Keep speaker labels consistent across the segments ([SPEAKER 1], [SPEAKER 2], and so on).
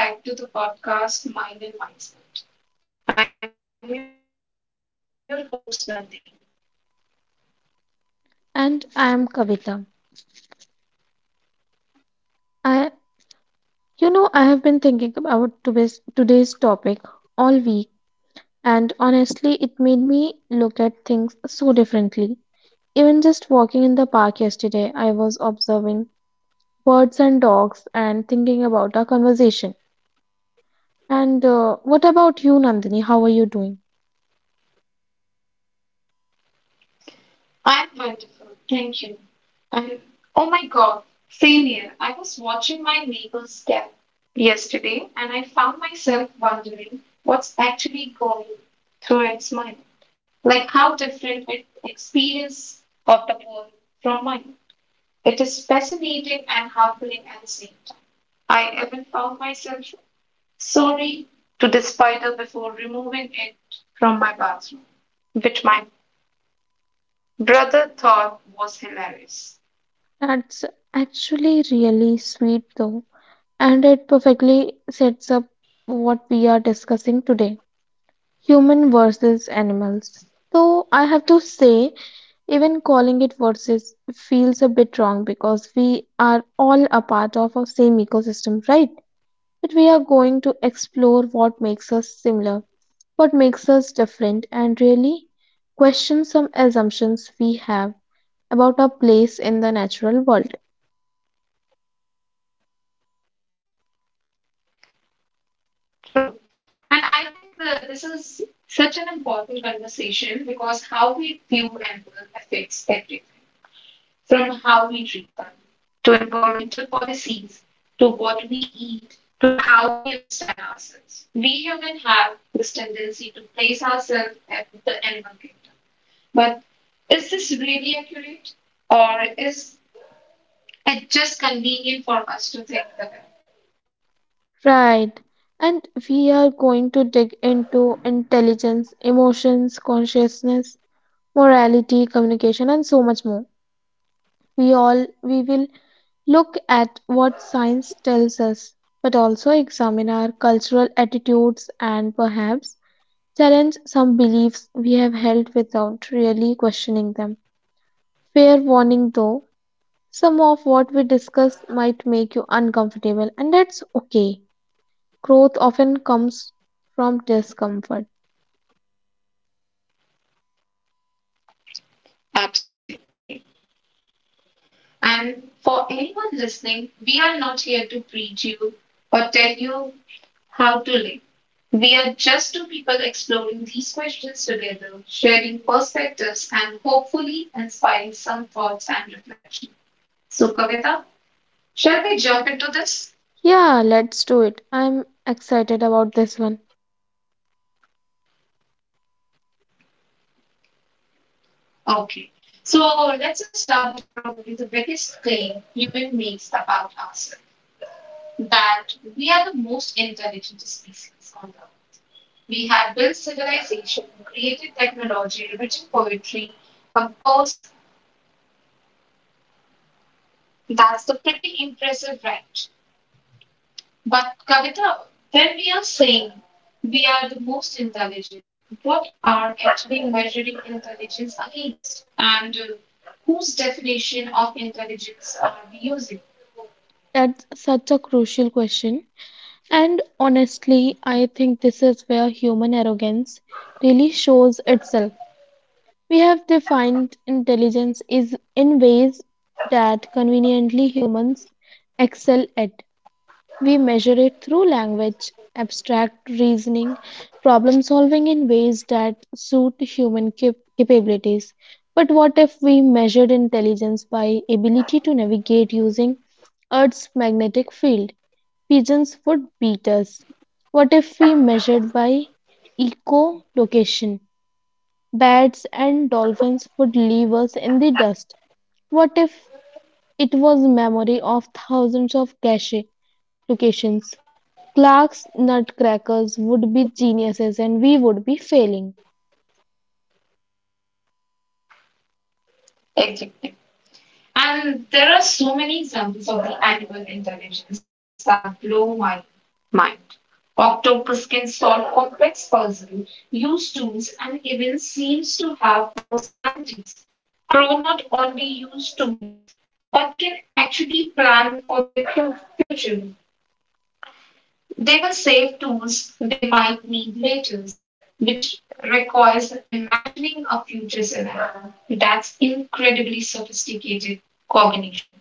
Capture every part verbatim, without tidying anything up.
[SPEAKER 1] Hello, everyone, and welcome back to the podcast Mind and Mindset. I'm your host, Nandini.
[SPEAKER 2] And I am Kavita. I, you know, I have been thinking about today's, today's topic all week, and honestly, it made me look at things so differently. Even just walking in the park yesterday, I was observing birds and dogs and thinking about our conversation. And uh, what about you, Nandini? How are you doing?
[SPEAKER 1] I'm wonderful, thank you. And oh my god, same here. I was watching my neighbor's step yesterday and I found myself wondering what's actually going through its mind. Like how different it experience of the world from mine. It is fascinating and humbling at the same time. I even found myself sorry to the spider before removing it from my bathroom, which my brother thought was hilarious.
[SPEAKER 2] That's actually really sweet, though, and it perfectly sets up what we are discussing today. Human versus animals. So I have to say, even calling it versus feels a bit wrong because we are all a part of a same ecosystem, right? But we are going to explore what makes us similar, what makes us different, and really question some assumptions we have about our place in the natural world.
[SPEAKER 1] True. And I think the, this is such an important conversation because how we view animals affects everything from how we treat them to environmental policies to what we eat to how we understand ourselves. We humans have this tendency to place ourselves at the animal kingdom. But is this really accurate? Or is it just convenient for us to think the way?
[SPEAKER 2] Right. And we are going to dig into intelligence, emotions, consciousness, morality, communication, and so much more. We all we will look at what science tells us, but also examine our cultural attitudes and perhaps challenge some beliefs we have held without really questioning them. Fair warning though, some of what we discuss might make you uncomfortable, and that's okay. Growth often comes from discomfort.
[SPEAKER 1] Absolutely. And for anyone listening, we are not here to preach you or tell you how to live. We are just two people exploring these questions together, sharing perspectives, and hopefully inspiring some thoughts and reflection. So, Kavita, shall we jump into this?
[SPEAKER 2] Yeah, let's do it. I'm excited about this one.
[SPEAKER 1] Okay. So let's just start with probably the biggest claim human makes about ourselves that we are the most intelligent species on earth. We have built civilization, created technology, written poetry, composed. That's the pretty impressive right. But Kavita, when we are saying we are the most intelligent, what are actually measuring intelligence against? And uh, whose definition of intelligence are we using?
[SPEAKER 2] That's such a crucial question. And honestly, I think this is where human arrogance really shows itself. We have defined intelligence is in ways that conveniently humans excel at. We measure it through language, abstract reasoning, problem solving in ways that suit human cap- capabilities. But what if we measured intelligence by ability to navigate using Earth's magnetic field? Pigeons would beat us. What if we measured by echolocation? Bats and dolphins would leave us in the dust. What if it was memory of thousands of cache locations? Clark's nutcrackers would be geniuses and we would be failing.
[SPEAKER 1] Exactly. And there are so many examples of the animal intelligence that blow my mind. Octopus can solve complex puzzles, use tools, and even seems to have personalities. Crow not only use tools, but can actually plan for their fu- future. They will save tools they might need later, which requires imagining a future scenario. That's incredibly sophisticated cognition.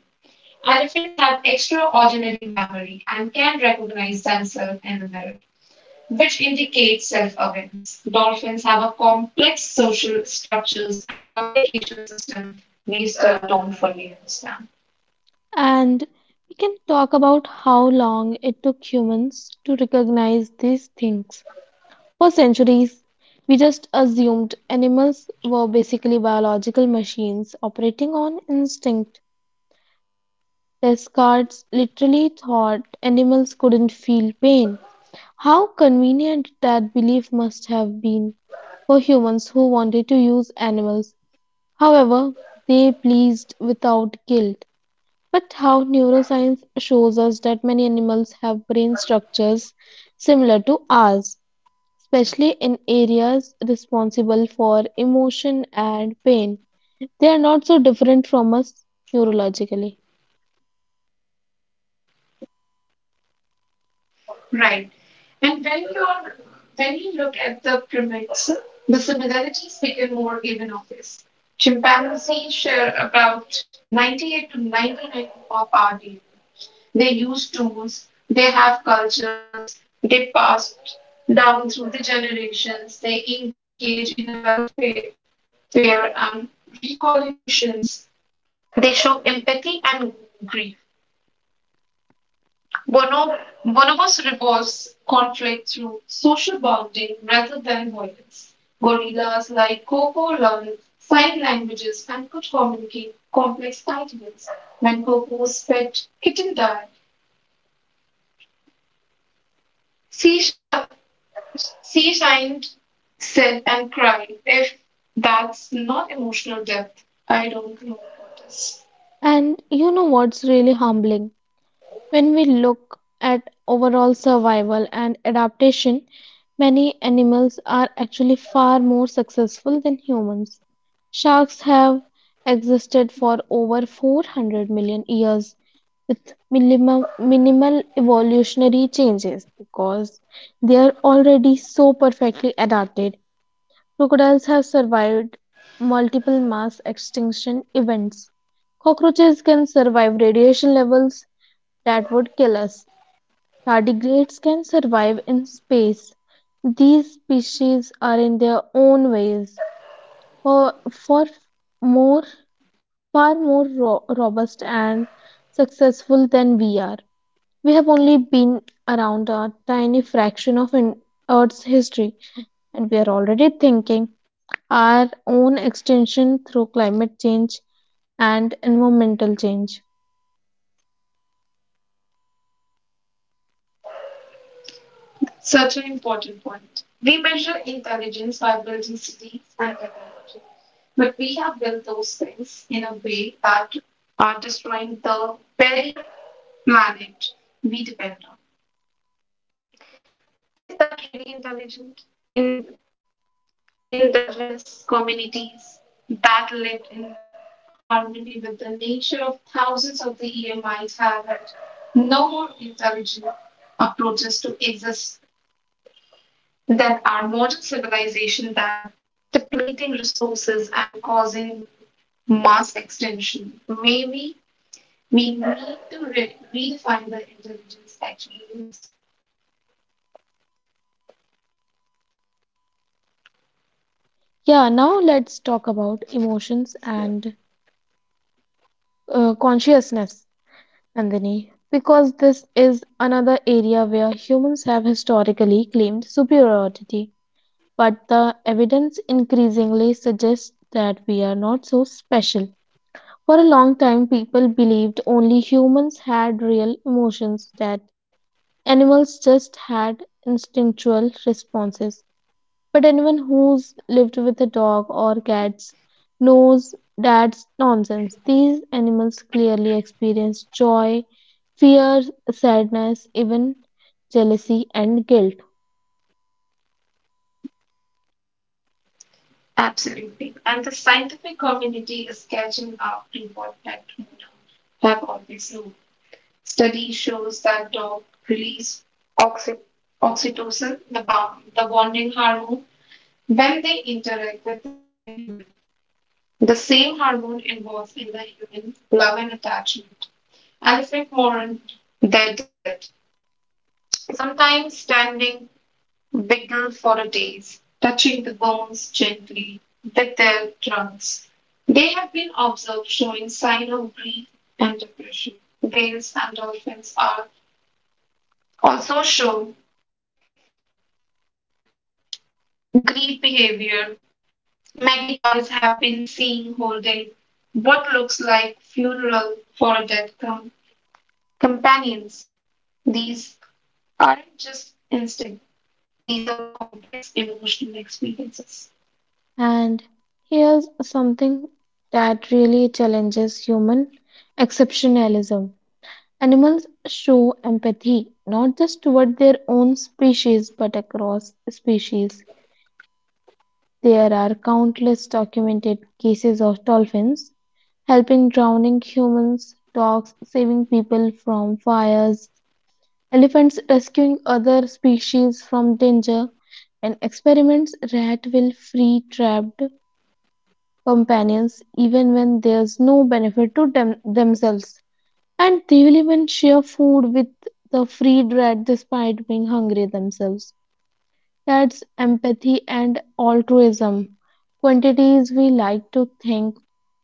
[SPEAKER 1] Elephants have extraordinary memory and can recognize themselves in the mirror, which indicates self-awareness. Dolphins have a complex social structures and communication system we still don't fully understand.
[SPEAKER 2] And we can talk about how long it took humans to recognize these things. For centuries, we just assumed animals were basically biological machines operating on instinct. Descartes literally thought animals couldn't feel pain. How convenient that belief must have been for humans who wanted to use animals however, they pleased without guilt. But how neuroscience shows us that many animals have brain structures similar to ours, especially in areas responsible for emotion and pain. They are not so different from us neurologically.
[SPEAKER 1] Right. And when you're when you look at the primates, the similarities become more even obvious. Chimpanzees share about ninety-eight to ninety-nine of our D N A. They use tools, they have cultures, they pass down through the generations, they engage in a welfare fair and reconciliations. They show empathy and grief. Bono, bonobos resolves conflict through social bonding rather than violence. Gorillas like Coco learn sign languages and could communicate complex ideas. When Coco's pet kitten died, she, sh- She signed, said, and cried. If that's not emotional depth, I don't know what is.
[SPEAKER 2] And you know what's really humbling? When we look at overall survival and adaptation, many animals are actually far more successful than humans. Sharks have existed for over four hundred million years with minimum, minimal evolutionary changes because they are already so perfectly adapted. Crocodiles have survived multiple mass extinction events. Cockroaches can survive radiation levels that would kill us. Tardigrades can survive in space. These species are in their own ways for, for more far more ro- robust and successful than we are. We have only been around a tiny fraction of in- Earth's history, and we are already thinking our own extinction through climate change and environmental change.
[SPEAKER 1] Such an important point. We measure intelligence by building cities and technology, but we have built those things in a way that are destroying the very planet we depend on. Is that really intelligent? In indigenous communities that lived in harmony with the nature of thousands of the year might have had no more intelligent approaches to exist than our modern civilization that depleting resources and causing mass extinction. Maybe we need to re- redefine the intelligence actually means.
[SPEAKER 2] Yeah, now let's talk about emotions and uh, consciousness. Nandini, because this is another area where humans have historically claimed superiority, but the evidence increasingly suggests that we are not so special. For a long time, people believed only humans had real emotions, that animals just had instinctual responses. But anyone who's lived with a dog or cats knows that's nonsense. These animals clearly experience joy, fear, sadness, even jealousy and guilt.
[SPEAKER 1] Absolutely. And the scientific community is catching up to what that we have always known. Study shows that dog release oxy- oxytocin, the, bond, the bonding hormone, when they interact with their human. The same hormone involved in the human love and attachment. Elephant mourn their dead, sometimes standing wiggle for a days, touching the bones gently with their trunks. They have been observed showing signs of grief and depression. Whales and dolphins are also shown Greed behavior. Magpies have been seen holding what looks like funeral for a dead com- companions. These aren't just instinct. These are the complex emotional experiences.
[SPEAKER 2] And here's something that really challenges human exceptionalism. Animals show empathy not just toward their own species but across species. There are countless documented cases of dolphins helping drowning humans, dogs saving people from fires, elephants rescuing other species from danger, and experiments that will free trapped companions even when there's no benefit to them themselves. And they will even share food with the freed rat despite being hungry themselves. That's empathy and altruism, quantities we like to think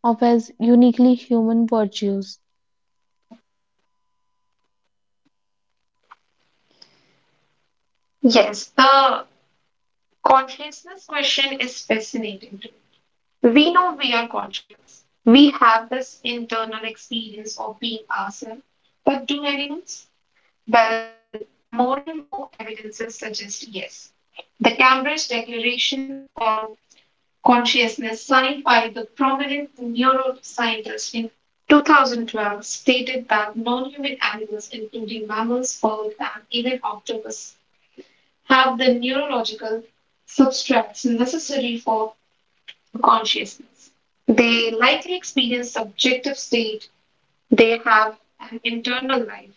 [SPEAKER 2] of as uniquely human virtues.
[SPEAKER 1] Yes, the consciousness question is fascinating to me. We know we are conscious. We have this internal experience of being ourselves. But do animals? Well, more and more evidences suggest yes. The Cambridge Declaration on Consciousness, signed by the prominent neuroscientist in two thousand twelve, stated that non human animals, including mammals, birds, and even octopus, have the neurological substrates necessary for consciousness. They likely experience subjective state, they have an internal life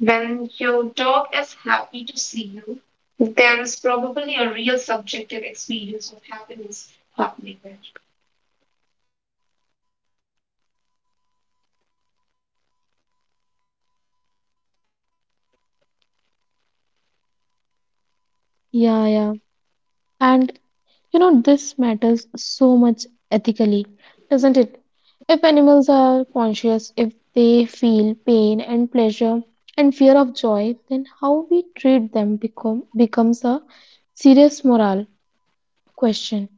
[SPEAKER 1] when your dog is happy to see you, there is probably a real subjective experience of happiness happening there.
[SPEAKER 2] Yeah, yeah. And you know, this matters so much ethically, doesn't it? If animals are conscious, if they feel pain and pleasure and fear of joy, then how we treat them become, becomes a serious moral question.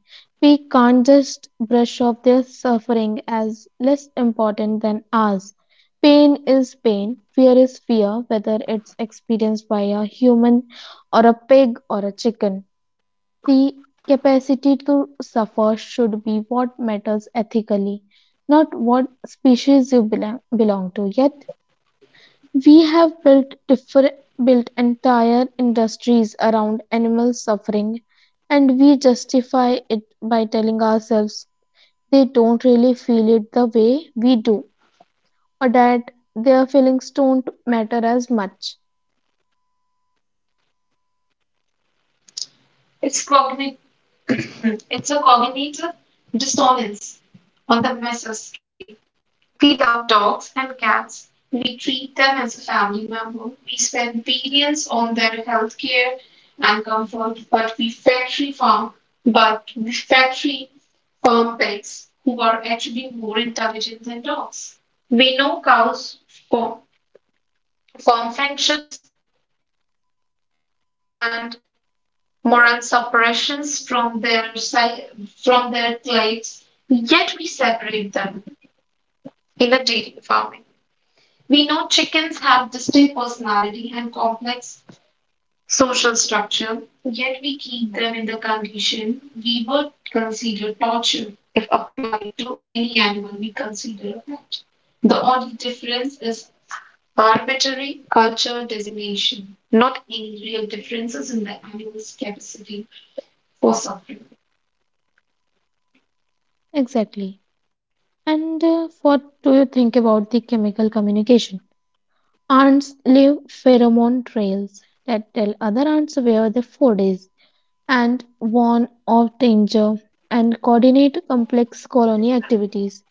[SPEAKER 2] We can't just brush off their suffering as less important than ours. Pain is pain, fear is fear, whether it's experienced by a human or a pig or a chicken. The capacity to suffer should be what matters ethically, not what species you belo- belong to. Yet, we have built differ- built entire industries around animal suffering and we justify it by telling ourselves they don't really feel it the way we do or that their feelings don't matter as much.
[SPEAKER 1] It's cognitive, it's a cognitive dissonance on the Messer scale. We love dogs and cats. We treat them as a family member. We spend billions on their health care and comfort, but we factory farm, but we factory farm pigs, who are actually more intelligent than dogs. We know cows form, form friendships and moral separations from their si- from their clades, yet we separate them in a dairy farming. We know chickens have distinct personality and complex social structure, yet we keep them in the condition we would consider torture if applied to any animal we consider a pet. The only difference is arbitrary culture designation, not any real differences in the animal's capacity for suffering.
[SPEAKER 2] Exactly. And uh, what do you think about the chemical communication? Ants leave pheromone trails that tell other ants where the food is and warn of danger and coordinate complex colony activities.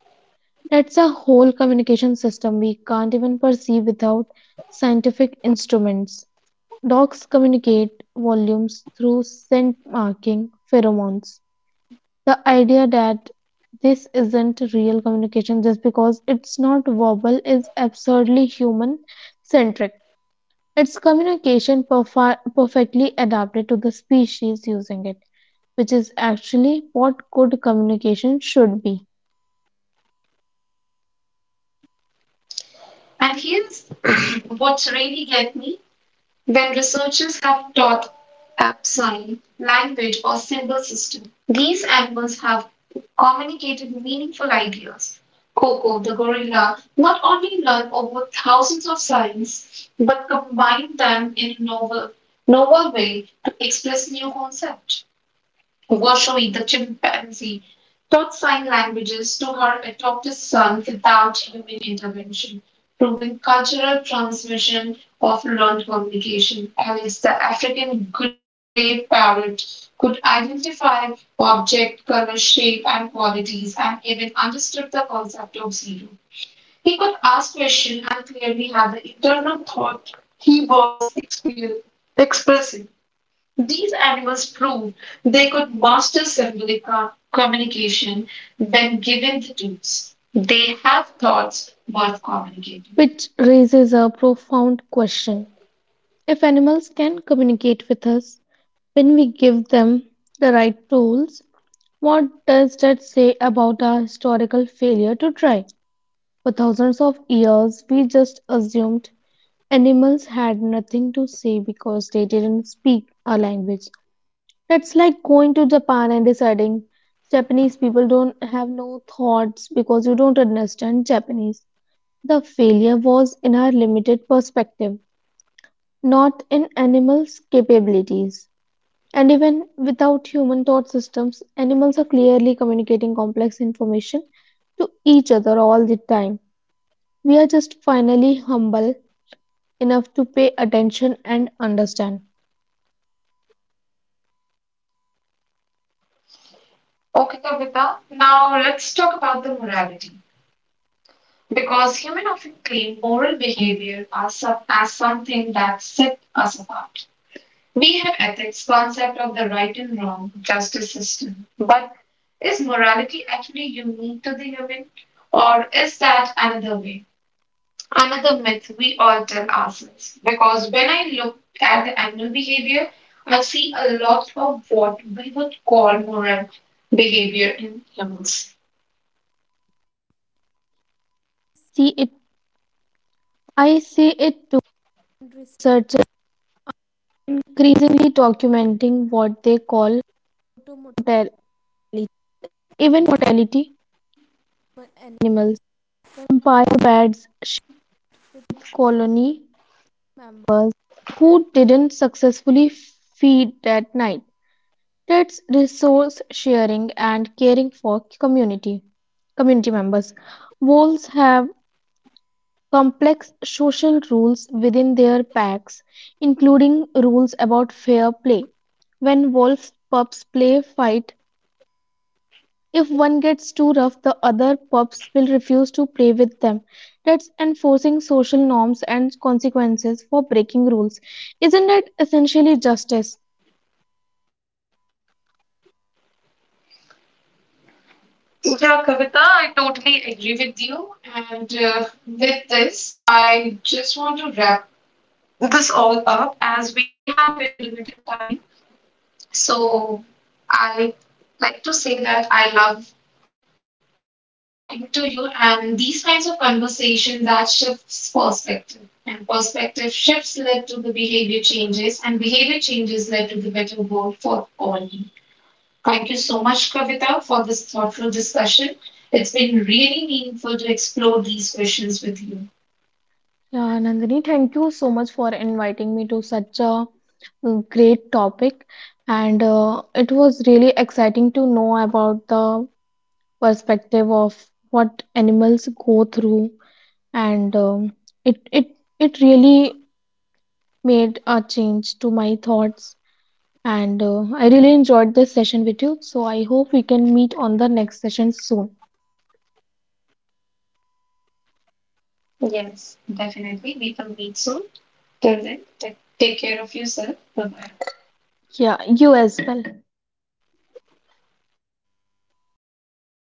[SPEAKER 2] That's a whole communication system we can't even perceive without scientific instruments. Dogs communicate volumes through scent marking pheromones. The idea that this isn't real communication just because it's not verbal is absurdly human centric. Its communication perfi- perfectly adapted to the species using it, which is actually what good communication should be.
[SPEAKER 1] And here's what's really get me when researchers have taught tap sign, language, or symbol system. These animals have communicated meaningful ideas. Coco the gorilla not only learned over thousands of signs but combined them in a novel, novel way to express new concepts. Washoe the chimpanzee taught sign languages to her adopted son without human intervention, proving cultural transmission of learned communication. Alice, the African grey parrot, could identify object, color, shape, and qualities, and even understood the concept of zero. He could ask questions and clearly had the internal thought he was exper- expressing. These animals proved they could master symbolic co- communication when given the tools. They have thoughts worth communicating.
[SPEAKER 2] Which raises a profound question. If animals can communicate with us when we give them the right tools, what does that say about our historical failure to try? For thousands of years, we just assumed animals had nothing to say because they didn't speak our language. That's like going to Japan and deciding Japanese people don't have no thoughts because you don't understand Japanese. The failure was in our limited perspective, not in animals' capabilities. And even without human thought systems, animals are clearly communicating complex information to each other all the time. We are just finally humble enough to pay attention and understand.
[SPEAKER 1] Okay, Kavita, now let's talk about the morality. Because humans often claim moral behavior as, some, as something that sets us apart. We have ethics, concept of the right and wrong, justice system. But is morality actually unique to the human? Or is that another way? Another myth we all tell ourselves because when I look at the animal behavior, I see a lot of what we would call moral behavior in humans. Yeah, Kavita, I totally agree with you. And uh, with this, I just want to wrap this all up as we have very limited time. So I like to say that I love talking to you and these kinds of conversation that shifts perspective and perspective shifts led to the behavior changes and behavior changes led to the better world for all. Thank you so much, Kavita, for this thoughtful discussion. It's been really meaningful to explore these questions with you. Yes, definitely. We will meet soon. Till then, take- take care of yourself. Bye bye.